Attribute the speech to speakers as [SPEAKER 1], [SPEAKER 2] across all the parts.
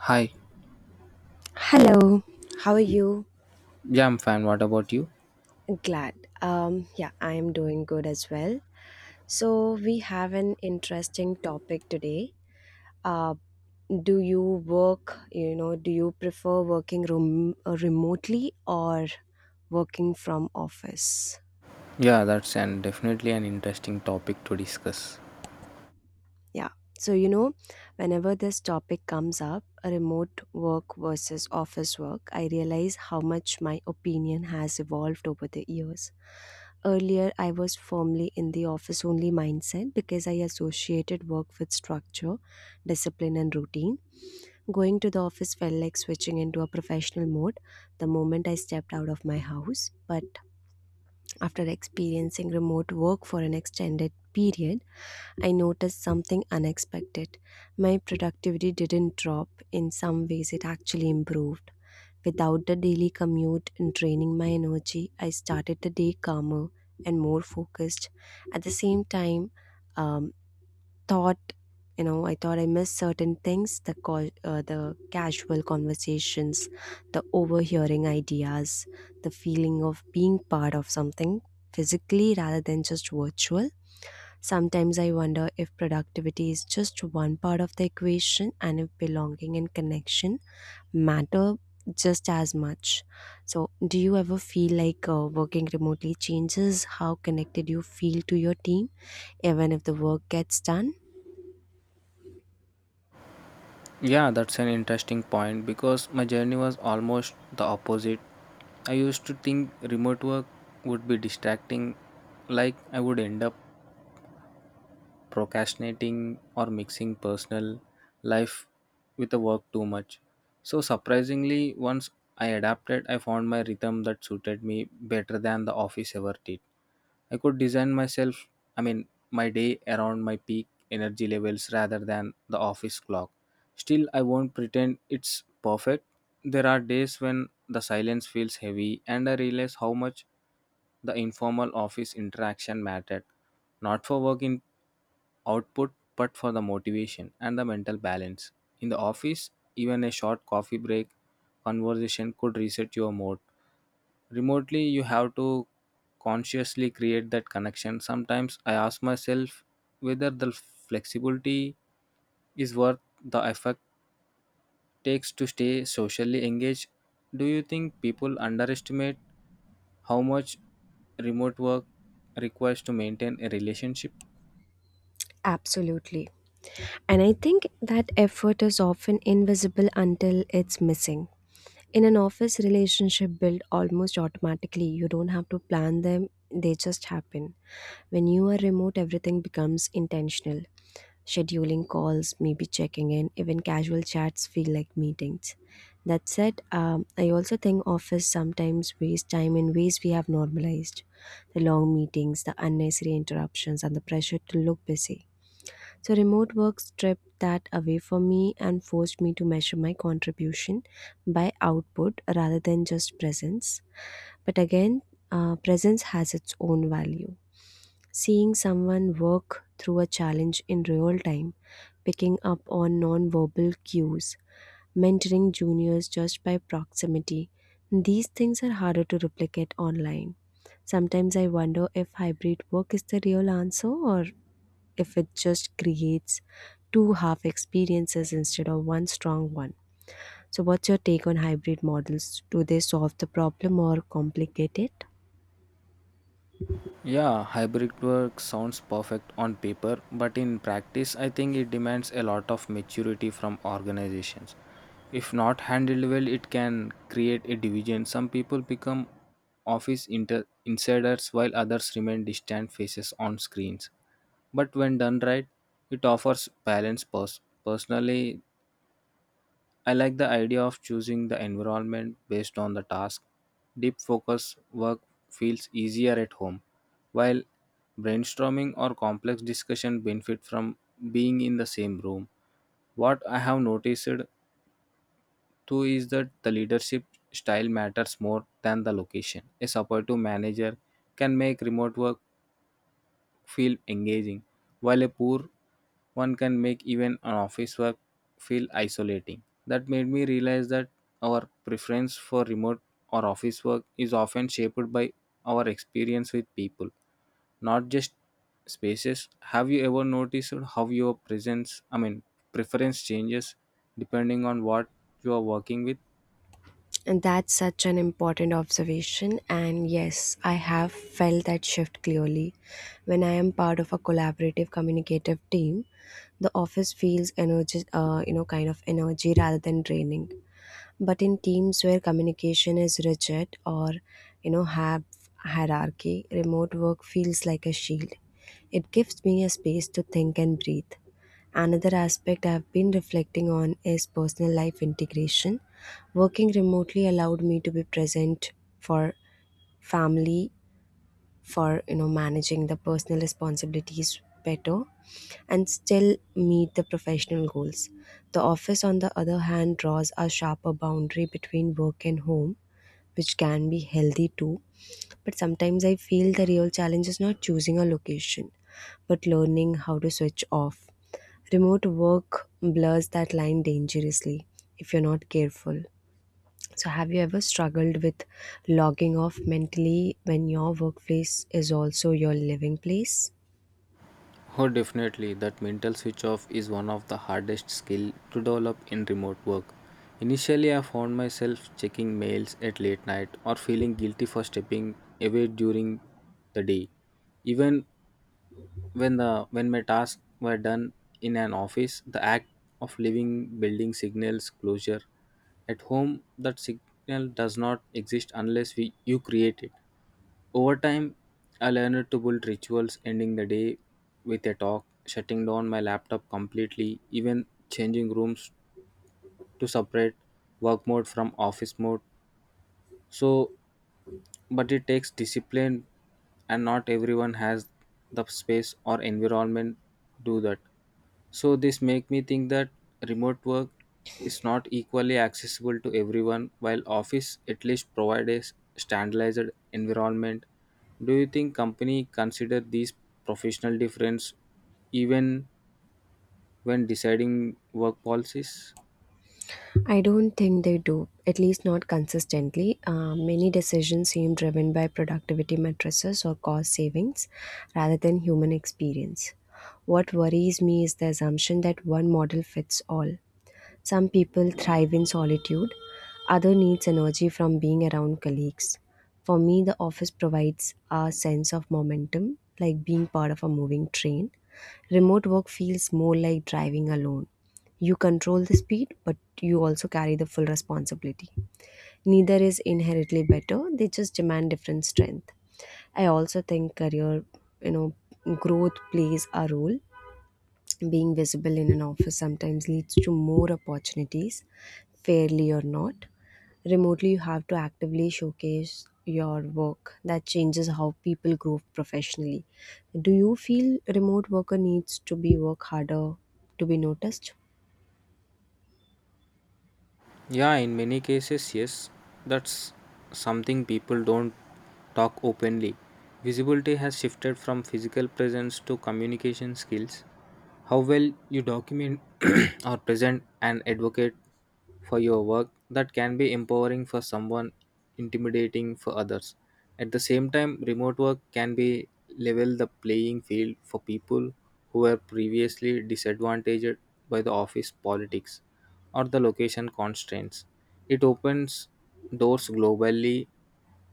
[SPEAKER 1] Hi,
[SPEAKER 2] Hello, how are you?
[SPEAKER 1] yeah, I'm fine. What about you?
[SPEAKER 2] Glad. Yeah, I am doing good as well. So, we have an interesting topic today. Uh, do you work, do you prefer working remotely or working from office?
[SPEAKER 1] Yeah, that's an definitely an interesting topic to discuss.
[SPEAKER 2] Yeah. So, whenever this topic comes up, remote work versus office work, I realize how much my opinion has evolved over the years. Earlier, I was firmly in the office only mindset because I associated work with structure, discipline, and routine. Going to the office felt like switching into a professional mode the moment I stepped out of my house. But after experiencing remote work for an extended period, I noticed something unexpected. My productivity didn't drop, in some ways, it actually improved. Without the daily commute and draining my energy, I started the day calmer and more focused. At the same time, um, thought I thought I missed certain things: the call, the casual conversations, the overhearing ideas, the feeling of being part of something physically rather than just virtual. Sometimes I wonder if productivity is just one part of the equation and if belonging and connection matter just as much. So, do you ever feel like working remotely changes how connected you feel to your team, even if the work gets done?
[SPEAKER 1] Yeah, that's an interesting point because my journey was almost the opposite. I used to think remote work would be distracting, like I would end up procrastinating or mixing personal life with the work too much. So, surprisingly, once I adapted, I found my rhythm that suited me better than the office ever did. I could design myself, I mean, my day around my peak energy levels rather than the office clock. Still, I won't pretend it's perfect. There are days when the silence feels heavy, and I realize how much the informal office interaction mattered, not for work in output, but for the motivation and the mental balance. In the office, even a short coffee break conversation could reset your mood. Remotely, you have to consciously create that connection. Sometimes I ask myself whether the flexibility is worth the effort takes to stay socially engaged. Do you think people underestimate how much remote work requires to maintain a relationship?
[SPEAKER 2] Absolutely. And I think that effort is often invisible until it's missing. In an office, relationship build almost automatically. You don't have to plan them, they just happen. When you are remote, everything becomes intentional. Scheduling calls, maybe checking in, even casual chats feel like meetings. That said, I also think office sometimes waste time in ways we have normalized. The long meetings, the unnecessary interruptions, and the pressure to look busy. So, remote work stripped that away from me and forced me to measure my contribution by output rather than just presence. But again, presence has its own value. Seeing someone work through a challenge in real time, picking up on non-verbal cues, mentoring juniors just by proximity, these things are harder to replicate online. Sometimes I wonder if hybrid work is the real answer or if it just creates two half experiences instead of one strong one. So, what's your take on hybrid models? Do they solve the problem or complicate it?
[SPEAKER 1] Yeah, hybrid work sounds perfect on paper, but in practice, I think it demands a lot of maturity from organizations. If not handled well, it can create a division. Some people become office insiders while others remain distant faces on screens. But when done right, it offers balance. Personally, I like the idea of choosing the environment based on the task. Deep focus work feels easier at home, while brainstorming or complex discussion benefit from being in the same room. What I have noticed too is that the leadership style matters more than the location. A supportive manager can make remote work feel engaging, while a poor one can make even an office work feel isolating. That made me realize that our preference for remote or office work is often shaped by our experience with people, not just spaces. Have you ever noticed how your I mean, preference changes depending on what you are working with?
[SPEAKER 2] And that's such an important observation. And yes, I have felt that shift clearly. When I am part of a collaborative communicative team, the office feels energy, you know, kind of energy rather than draining. But in teams where communication is rigid or you know have hierarchy, remote work feels like a shield. It gives me a space to think and breathe. Another aspect I've been reflecting on is personal life integration. Working remotely allowed me to be present for family, for you know managing the personal responsibilities better and still meet the professional goals. The office, on the other hand, draws a sharper boundary between work and home, which can be healthy too. But sometimes I feel the real challenge is not choosing a location, but learning how to switch off. Remote work blurs that line dangerously if you're not careful. So, have you ever struggled with logging off mentally when your workplace is also your living place?
[SPEAKER 1] Oh, definitely. That mental switch off is one of the hardest skill to develop in remote work. Initially, I found myself checking mails at late night or feeling guilty for stepping away during the day. Even when my tasks were done in an office, the act of leaving building signals closure. At home, that signal does not exist unless we you create it. Over time, I learned to build rituals, ending the day with a talk, shutting down my laptop completely, even changing rooms to separate work mode from office mode. So, but it takes discipline, and not everyone has the space or environment to do that. So this make me think that remote work is not equally accessible to everyone while office at least provide a standardized environment. Do you think company consider these professional difference even when deciding work policies?
[SPEAKER 2] I don't think they do, at least not consistently. Many decisions seem driven by productivity matrices or cost savings rather than human experience. What worries me is the assumption that one model fits all. Some people thrive in solitude, others needs energy from being around colleagues. For me, the office provides a sense of momentum, like being part of a moving train. Remote work feels more like driving alone. You control the speed, but you also carry the full responsibility. Neither is inherently better, they just demand different strength. I also think career, you know, growth plays a role. Being visible in an office sometimes leads to more opportunities, fairly or not. Remotely, you have to actively showcase your work. That changes how people grow professionally. Do you feel remote worker needs to be work harder to be noticed?
[SPEAKER 1] Yeah, in many cases, yes. That's something people don't talk openly. Visibility has shifted from physical presence to communication skills. How well you document or present and advocate for your work that can be empowering for someone, intimidating for others. At the same time, remote work can be level the playing field for people who were previously disadvantaged by the office politics or the location constraints. It opens doors globally,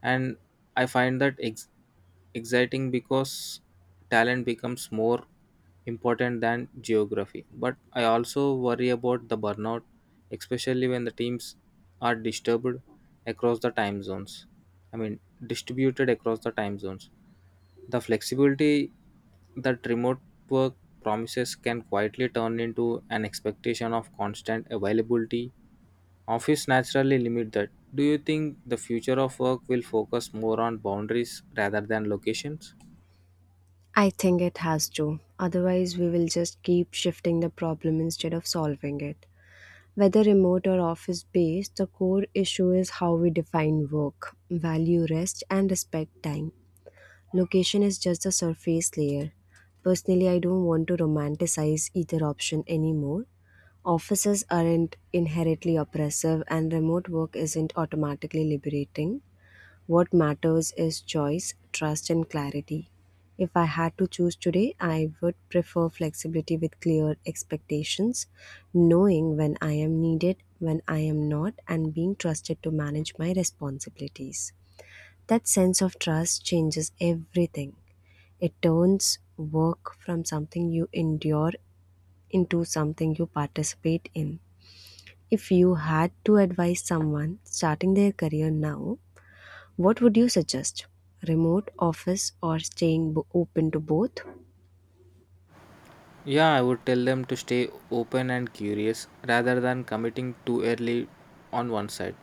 [SPEAKER 1] and I find that exciting because talent becomes more important than geography. But I also worry about the burnout, especially when the teams are disturbed across the time zones. I mean, distributed across the time zones. The flexibility that remote work promises can quietly turn into an expectation of constant availability. Office naturally limit that. Do you think the future of work will focus more on boundaries rather than locations?
[SPEAKER 2] I think it has to. Otherwise, we will just keep shifting the problem instead of solving it. Whether remote or office based, the core issue is how we define work, value rest, and respect time. Location is just a surface layer. Personally, I don't want to romanticize either option anymore. Offices aren't inherently oppressive, and remote work isn't automatically liberating. What matters is choice, trust, and clarity. If I had to choose today, I would prefer flexibility with clear expectations, knowing when I am needed, when I am not, and being trusted to manage my responsibilities. That sense of trust changes everything. It turns work from something you endure into something you participate in. If you had to advise someone starting their career now, what would you suggest? Remote, office, or staying open to both?
[SPEAKER 1] Yeah, I would tell them to stay open and curious rather than committing too early on one side.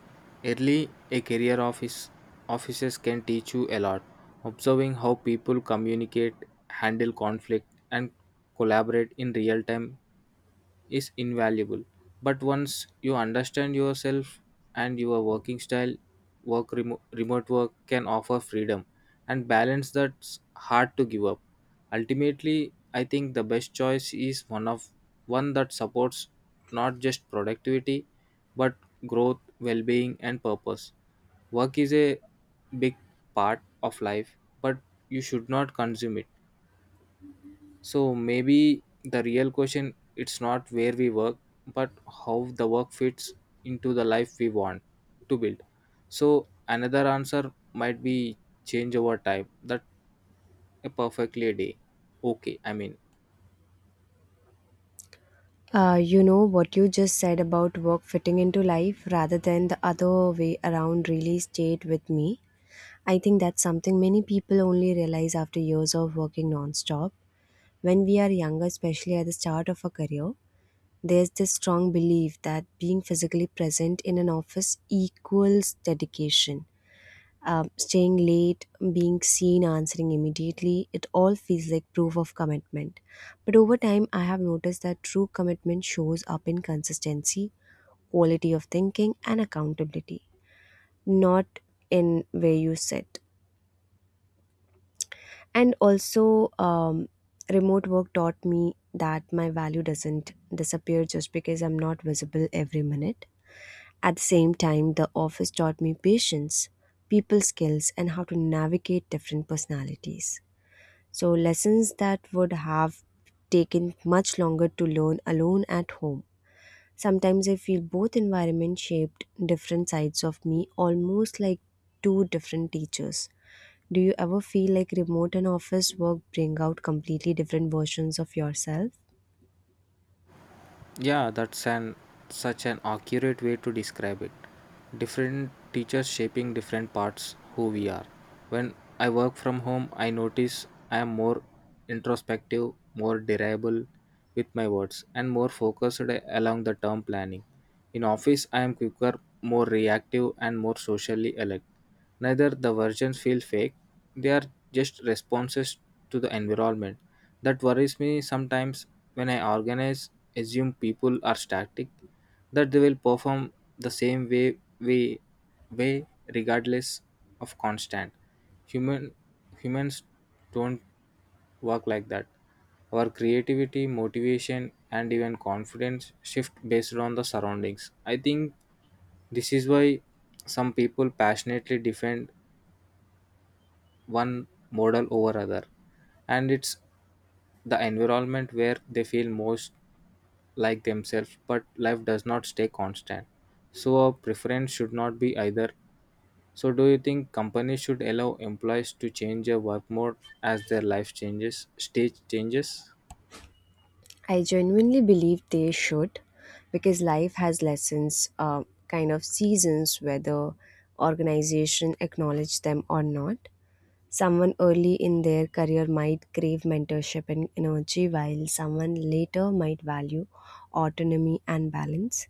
[SPEAKER 1] Early, a career offices can teach you a lot. Observing how people communicate, handle conflict, and collaborate in real time is invaluable. But once you understand yourself and your working style, work remote work can offer freedom and balance that's hard to give up. Ultimately, I think the best choice is one that supports not just productivity but growth, well-being and purpose. Work is a big part of life, but you should not consume it. So maybe the real question it's not where we work, but how the work fits into the life we want to build. So another answer might be change over time. That a perfectly a day. Okay, I mean.
[SPEAKER 2] You know what you just said about work fitting into life rather than the other way around really stayed with me. I think that's something many people only realize after years of working non-stop. When we are younger, especially at the start of a career, there's this strong belief that being physically present in an office equals dedication. Staying late, being seen, answering immediately, it all feels like proof of commitment. But over time, I have noticed that true commitment shows up in consistency, quality of thinking, and accountability, not in where you sit. And also, remote work taught me that my value doesn't disappear just because I'm not visible every minute. At the same time, the office taught me patience, people skills, and how to navigate different personalities. So, lessons that would have taken much longer to learn alone at home. Sometimes I feel both environments shaped different sides of me, almost like two different teachers. Do you ever feel like remote and office work bring out completely different versions of yourself?
[SPEAKER 1] Yeah, that's an such an accurate way to describe it. Different teachers shaping different parts who we are. When I work from home, I notice I am more introspective, more reliable with my words, and more focused along the term planning. In office, I am quicker, more reactive, and more socially alert. Neither the versions feel fake, they are just responses to the environment. That worries me sometimes when I organize, assume people are static, that they will perform the same way regardless of constant. Human Humans don't work like that. Our creativity, motivation, and even confidence shift based on the surroundings. I think this is why some people passionately defend one model over other, and it's the environment where they feel most like themselves, but life does not stay constant. So, our preference should not be either. So, do you think companies should allow employees to change their work mode as their life changes, stage changes?
[SPEAKER 2] I genuinely believe they should because life has lessons, kind of seasons, whether organization acknowledge them or not. Someone early in their career might crave mentorship and energy, while someone later might value autonomy and balance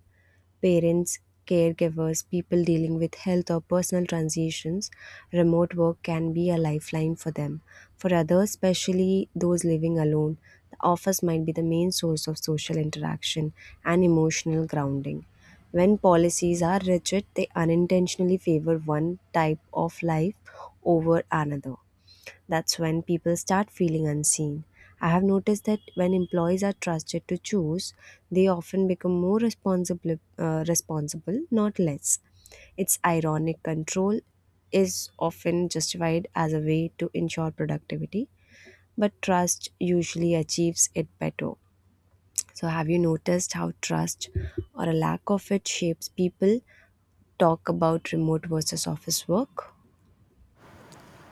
[SPEAKER 2] parents, caregivers, people dealing with health or personal transitions, remote work can be a lifeline for them. For others, especially those living alone, the office might be the main source of social interaction and emotional grounding. When policies are rigid, they unintentionally favor one type of life over another. That's when people start feeling unseen. I have noticed that when employees are trusted to choose, they often become more responsible not less. It's ironic control is often justified as a way to ensure productivity, but trust usually achieves it better. So, have you noticed how trust or a lack of it shapes people talk about remote versus office work?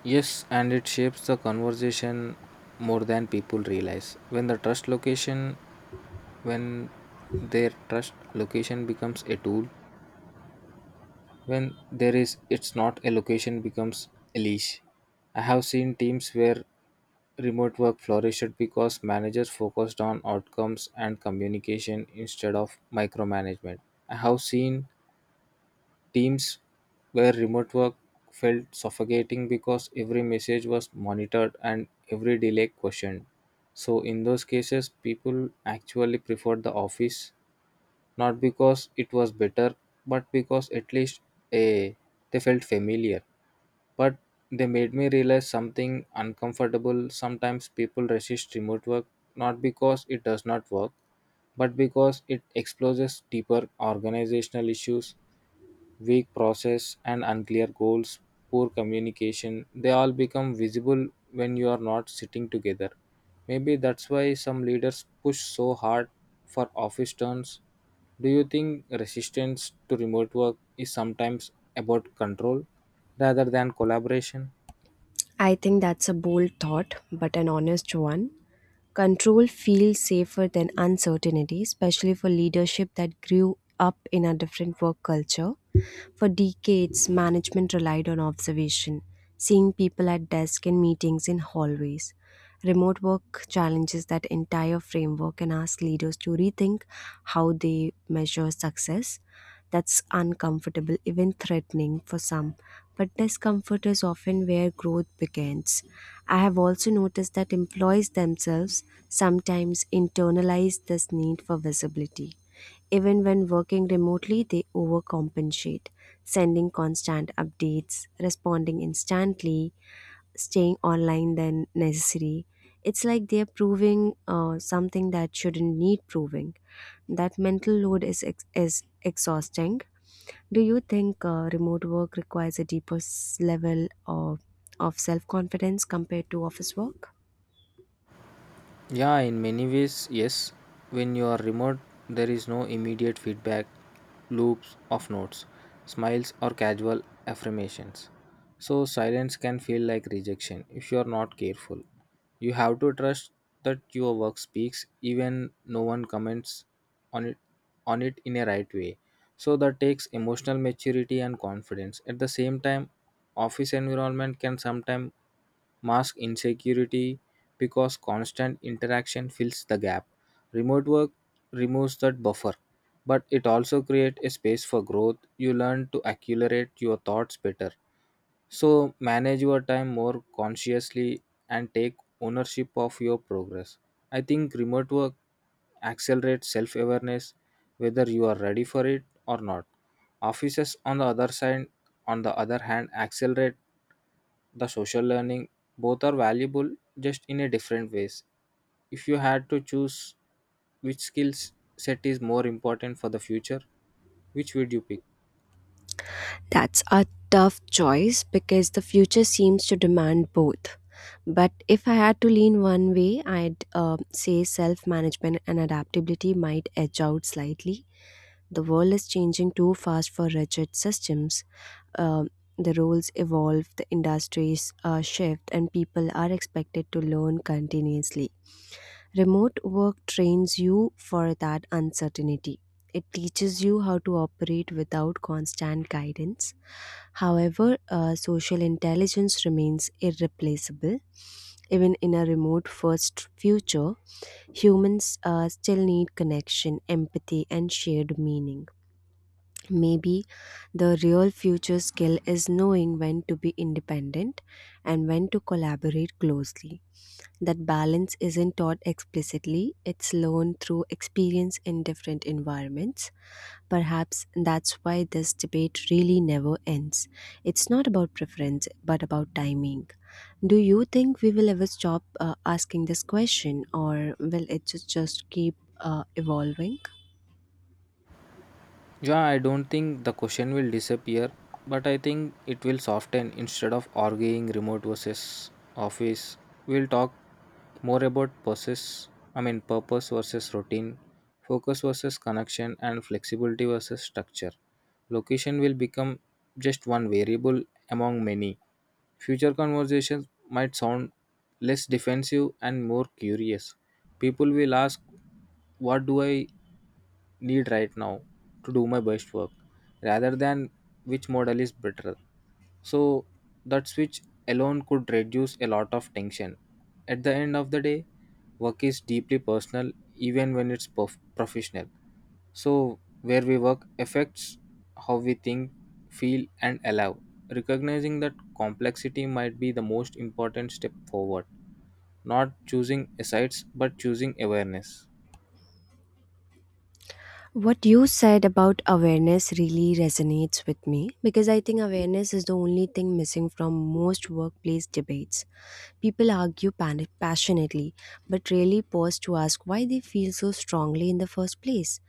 [SPEAKER 1] Yes, and it shapes the conversation more than people realize. When their trust location becomes a tool. When there is it's not a location, becomes a leash. I have seen teams where remote work flourished because managers focused on outcomes and communication instead of micromanagement. I have seen teams where remote work felt suffocating because every message was monitored and every delay questioned. So in those cases people actually preferred the office. Not because it was better, but because at least eh, they felt familiar. But they made me realize something uncomfortable. Sometimes people resist remote work not because it does not work, but because it exposes deeper organizational issues, weak process and unclear goals, poor communication, they all become visible when you are not sitting together. Maybe that's why some leaders push so hard for office turns. Do you think resistance to remote work is sometimes about control rather than collaboration?
[SPEAKER 2] I think that's a bold thought, but an honest one. Control feels safer than uncertainty, especially for leadership that grew up in a different work culture. For decades, management relied on observation, seeing people at desks and meetings in hallways. Remote work challenges that entire framework and asks leaders to rethink how they measure success. That's uncomfortable, even threatening for some, but discomfort is often where growth begins. I have also noticed that employees themselves sometimes internalize this need for visibility. Even when working remotely, they overcompensate, sending constant updates, responding instantly, staying online than necessary. It's like they're proving something that shouldn't need proving. That mental load is is exhausting, do you think remote work requires a deeper level of self confidence compared to office work?
[SPEAKER 1] Yeah, in many ways, yes. When you are remote, there is no immediate feedback, loops of notes, smiles, or casual affirmations. So, silence can feel like rejection if you are not careful. You have to trust that your work speaks, even no one comments on it, on it in a right way. So, that takes emotional maturity and confidence. At the same time, office environment can sometimes mask insecurity because constant interaction fills the gap. Remote work removes that buffer, but it also creates a space for growth. You learn to accelerate your thoughts better. So, manage your time more consciously and take ownership of your progress. I think remote work accelerates self awareness whether you are ready for it or not. Offices on the other hand accelerate the social learning. Both are valuable just in a different ways. If you had to choose which skills set is more important for the future, which would you pick?
[SPEAKER 2] That's a tough choice because the future seems to demand both. But if I had to lean one way, I'd say self management and adaptability might edge out slightly. The world is changing too fast for rigid systems. Um the roles evolve, the industries shift, and people are expected to learn continuously. Remote work trains you for that uncertainty. It teaches you how to operate without constant guidance. However, social intelligence remains irreplaceable. Even in a remote first future, humans still need connection, empathy, and shared meaning. Maybe the real future skill is knowing when to be independent and when to collaborate closely. That balance isn't taught explicitly, it's learned through experience in different environments. Perhaps that's why this debate really never ends. It's not about preference, but about timing. Do you think we will ever stop asking this question, or will it just keep evolving?
[SPEAKER 1] Yeah, I don't think the question will disappear, but I think it will soften. Instead of arguing remote versus office, we'll talk more about process, I mean purpose versus routine, focus versus connection and flexibility versus structure. Location will become just one variable among many. Future conversations might sound less defensive and more curious. People will ask, what do I need right now to do my best work, rather than which model is better. So, that switch alone could reduce a lot of tension. At the end of the day, work is deeply personal even when it's professional. So, where we work affects how we think, feel, and allow. Recognizing that complexity might be the most important step forward, not choosing asides but choosing awareness.
[SPEAKER 2] What you said about awareness really resonates with me because I think awareness is the only thing missing from most workplace debates. People argue passionately but rarely pause to ask why they feel so strongly in the first place.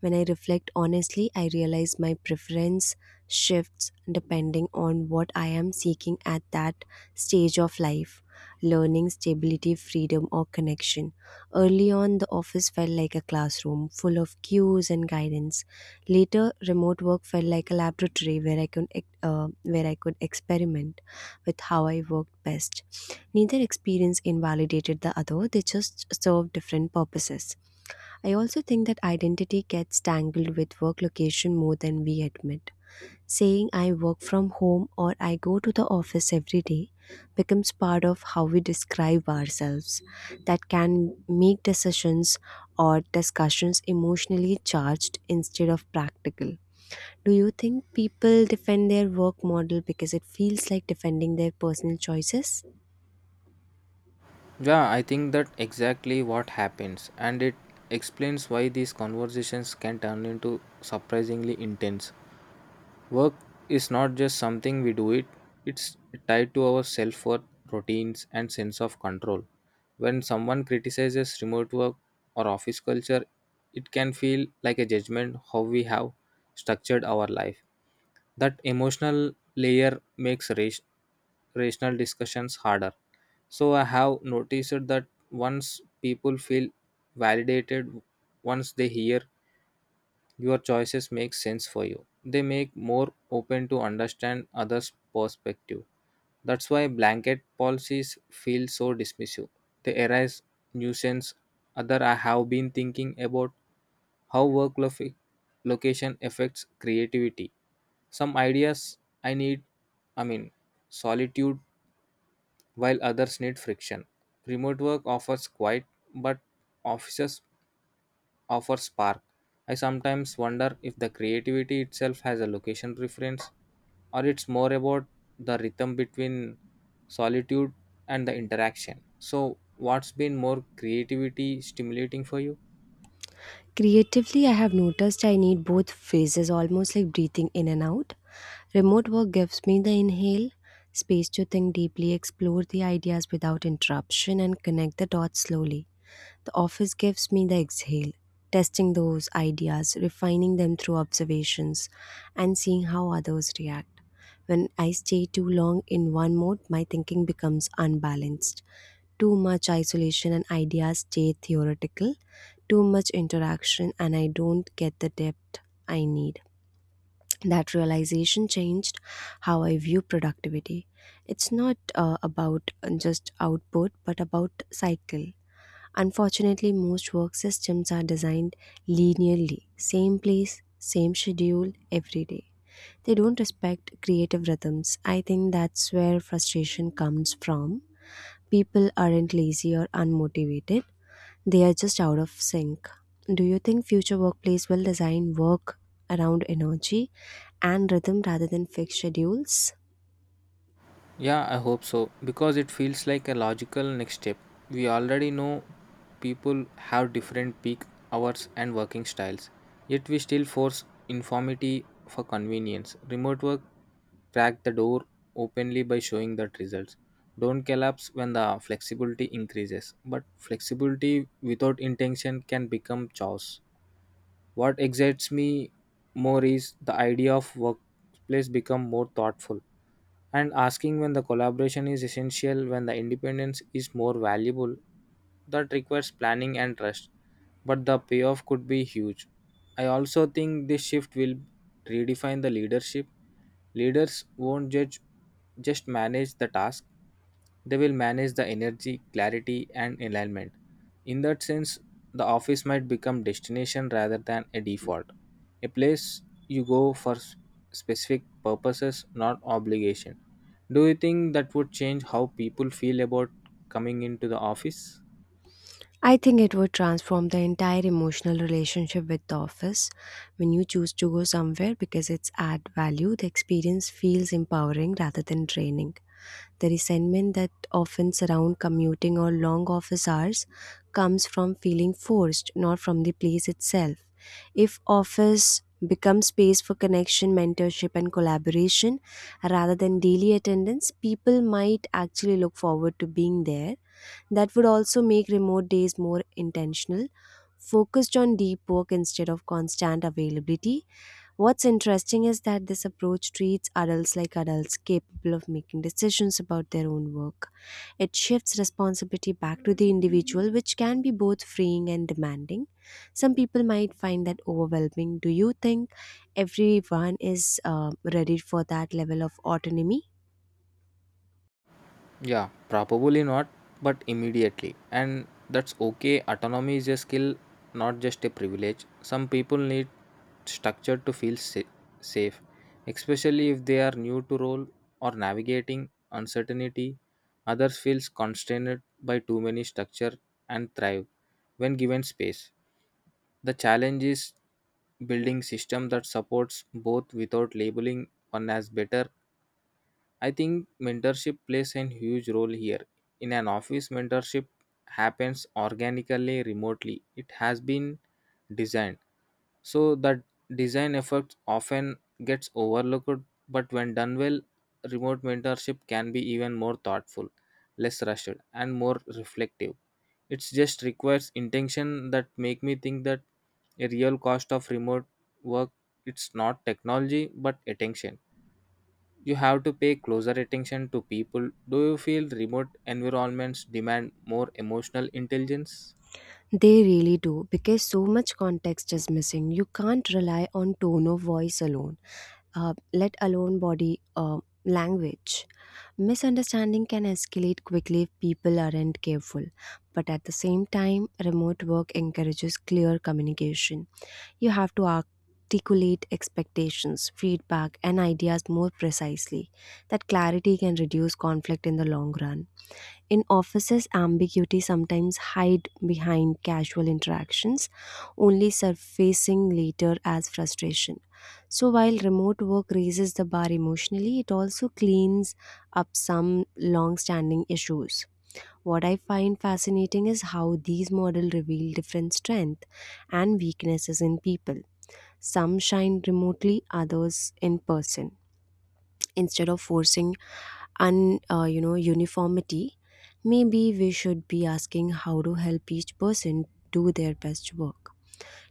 [SPEAKER 2] When I reflect honestly, I realize my preference shifts depending on what I am seeking at that stage of life learning, stability, freedom, or connection. Early on, the office felt like a classroom full of cues and guidance. Later, remote work felt like a laboratory where where I could experiment with how I worked best. Neither experience invalidated the other; they just served different purposes. I also think that identity gets tangled with work location more than we admit. Saying I work from home or I go to the office every day becomes part of how we describe ourselves. That can make decisions or discussions emotionally charged instead of practical. Do you think people defend their work model because it feels like defending their personal choices?
[SPEAKER 1] Yeah, I think that exactly what happens, and it explains why these conversations can turn into surprisingly intense. Work is not just something we do it, it's tied to our self worth, routines, and sense of control. When someone criticizes remote work or office culture, it can feel like a judgment how we have structured our life. That emotional layer makes rational discussions harder. So I have noticed that once people feel validated, once they hear your choices make sense for you. They make more open to understand others' perspective. That's why blanket policies feel so dismissive. They arise nuisance. Other I have been thinking about how work location affects creativity. Some ideas I need, I mean solitude, while others need friction. Remote work offers quiet but offices offer spark. I sometimes wonder if the creativity itself has a location preference or it's more about the rhythm between solitude and the interaction. So, what's been more creativity stimulating for you?
[SPEAKER 2] Creatively, I have noticed I need both phases, almost like breathing in and out. Remote work gives me the inhale, space to think deeply, explore the ideas without interruption, and connect the dots slowly. The office gives me the exhale, testing those ideas, refining them through observations, and seeing how others react. When I stay too long in one mode, my thinking becomes unbalanced. Too much isolation and ideas stay theoretical, too much interaction, and I don't get the depth I need. That realization changed how I view productivity. It's not about just output, but about cycle. Unfortunately, most work systems are designed linearly, same place, same schedule every day. They don't respect creative rhythms. I think that's where frustration comes from. People aren't lazy or unmotivated, they are just out of sync. Do you think future workplace will design work around energy and rhythm rather than fixed schedules?
[SPEAKER 1] Yeah, I hope so because it feels like a logical next step. We already know people have different peak hours and working styles, yet we still force informity for convenience. Remote work cracked the door openly by showing that results don't collapse when the flexibility increases, but flexibility without intention can become chaos. What excites me more is the idea of workplace become more thoughtful and asking when the collaboration is essential, when the independence is more valuable. That requires planning and trust, but the payoff could be huge. I also think this shift will redefine the leadership. Leaders won't judge just manage the task, they will manage the energy, clarity and alignment. In that sense, the office might become destination rather than a default, a place you go for specific purposes, not obligation. Do you think that would change how people feel about coming into the office?
[SPEAKER 2] I think it would transform the entire emotional relationship with the office. When you choose to go somewhere because it's add value, the experience feels empowering rather than draining. The resentment that often surrounds commuting or long office hours comes from feeling forced, not from the place itself. If office becomes space for connection, mentorship, and collaboration rather than daily attendance, people might actually look forward to being there. That would also make remote days more intentional, focused on deep work instead of constant availability. What's interesting is that this approach treats adults like adults capable of making decisions about their own work. It shifts responsibility back to the individual, which can be both freeing and demanding. Some people might find that overwhelming. Do you think everyone is ready for that level of autonomy?
[SPEAKER 1] Yeah, probably not, but immediately. And that's okay. Autonomy is a skill, not just a privilege. Some people need structure to feel safe, especially if they are new to role or navigating uncertainty. Others feel constrained by too many structure and thrive when given space. The challenge is building system that supports both without labeling one as better. I think mentorship plays a huge role here. In an office, mentorship happens organically, remotely. It has been designed. So that design effort often gets overlooked, but when done well, remote mentorship can be even more thoughtful, less rushed, and more reflective. It just requires intention. That make me think that a real cost of remote work it's not technology but attention. You have to pay closer attention to people. Do you feel remote environments demand more emotional intelligence?
[SPEAKER 2] They really do because so much context is missing. You can't rely on tone of voice alone. Let alone body language. Misunderstanding can escalate quickly if people aren't careful. But at the same time, remote work encourages clear communication. You have to articulate expectations, feedback, and ideas more precisely. That clarity can reduce conflict in the long run. In offices, ambiguity sometimes hide behind casual interactions, only surfacing later as frustration. So while remote work raises the bar emotionally, it also cleans up some long-standing issues. What I find fascinating is how these models reveal different strengths and weaknesses in people. Some shine remotely, others in person. Instead of forcing un you know uniformity, maybe we should be asking how to help each person do their best work.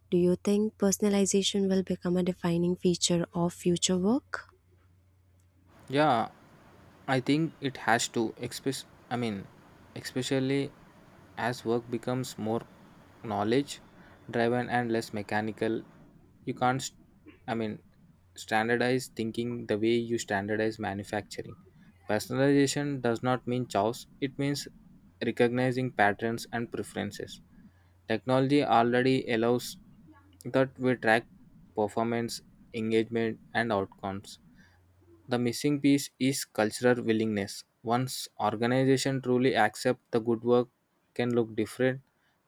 [SPEAKER 2] Do you think personalization will become a defining feature of future work?
[SPEAKER 1] Yeah, I think it has to, I mean, especially as work becomes more knowledge driven and less mechanical. You can't, I mean, standardize thinking the way you standardize manufacturing. Personalization does not mean chaos. It means recognizing patterns and preferences. Technology already allows that. We track performance, engagement, and outcomes. The missing piece is cultural willingness. Once organization truly accept the good work can look different,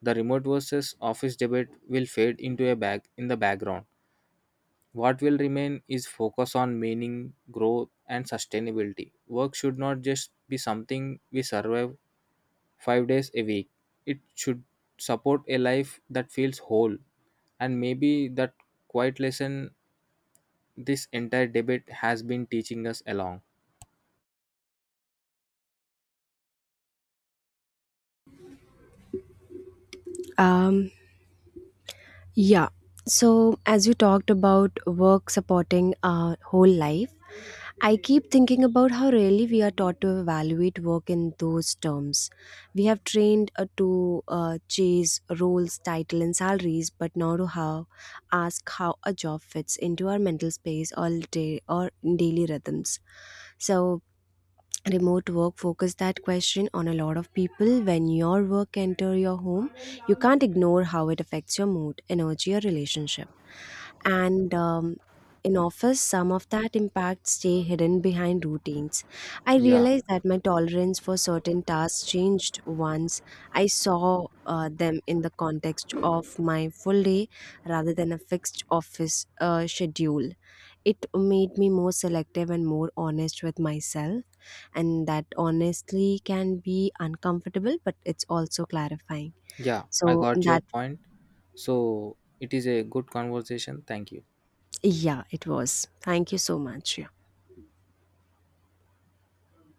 [SPEAKER 1] the remote versus office debate will fade into a bag in the background. What will remain is focus on meaning, growth, and sustainability. Work should not just be something we survive 5 days a week. It should support a life that feels whole. And maybe that quiet lesson this entire debate has been teaching us along.
[SPEAKER 2] um Yeah. So, as you talked about work supporting our whole life, I keep thinking about how rarely we are taught to evaluate work in those terms. We have trained to chase roles, title, and salaries, but not to how ask how a job fits into our mental space all day or daily rhythms. So, remote work focused that question on a lot of people. When your work enter your home, you can't ignore how it affects your mood, energy, or relationship. And in office some of that impact stay hidden behind routines. I
[SPEAKER 1] Yeah.
[SPEAKER 2] realized that my tolerance for certain tasks changed once I saw them in the context of my full day rather than a fixed office schedule. It made me more selective and more honest with myself, and that honestly can be uncomfortable, but it's also clarifying.
[SPEAKER 1] Yeah, I
[SPEAKER 2] So
[SPEAKER 1] got your
[SPEAKER 2] that,
[SPEAKER 1] point. So it is a good conversation. Thank you.
[SPEAKER 2] yeah, it was. Thank you so much. Yeah.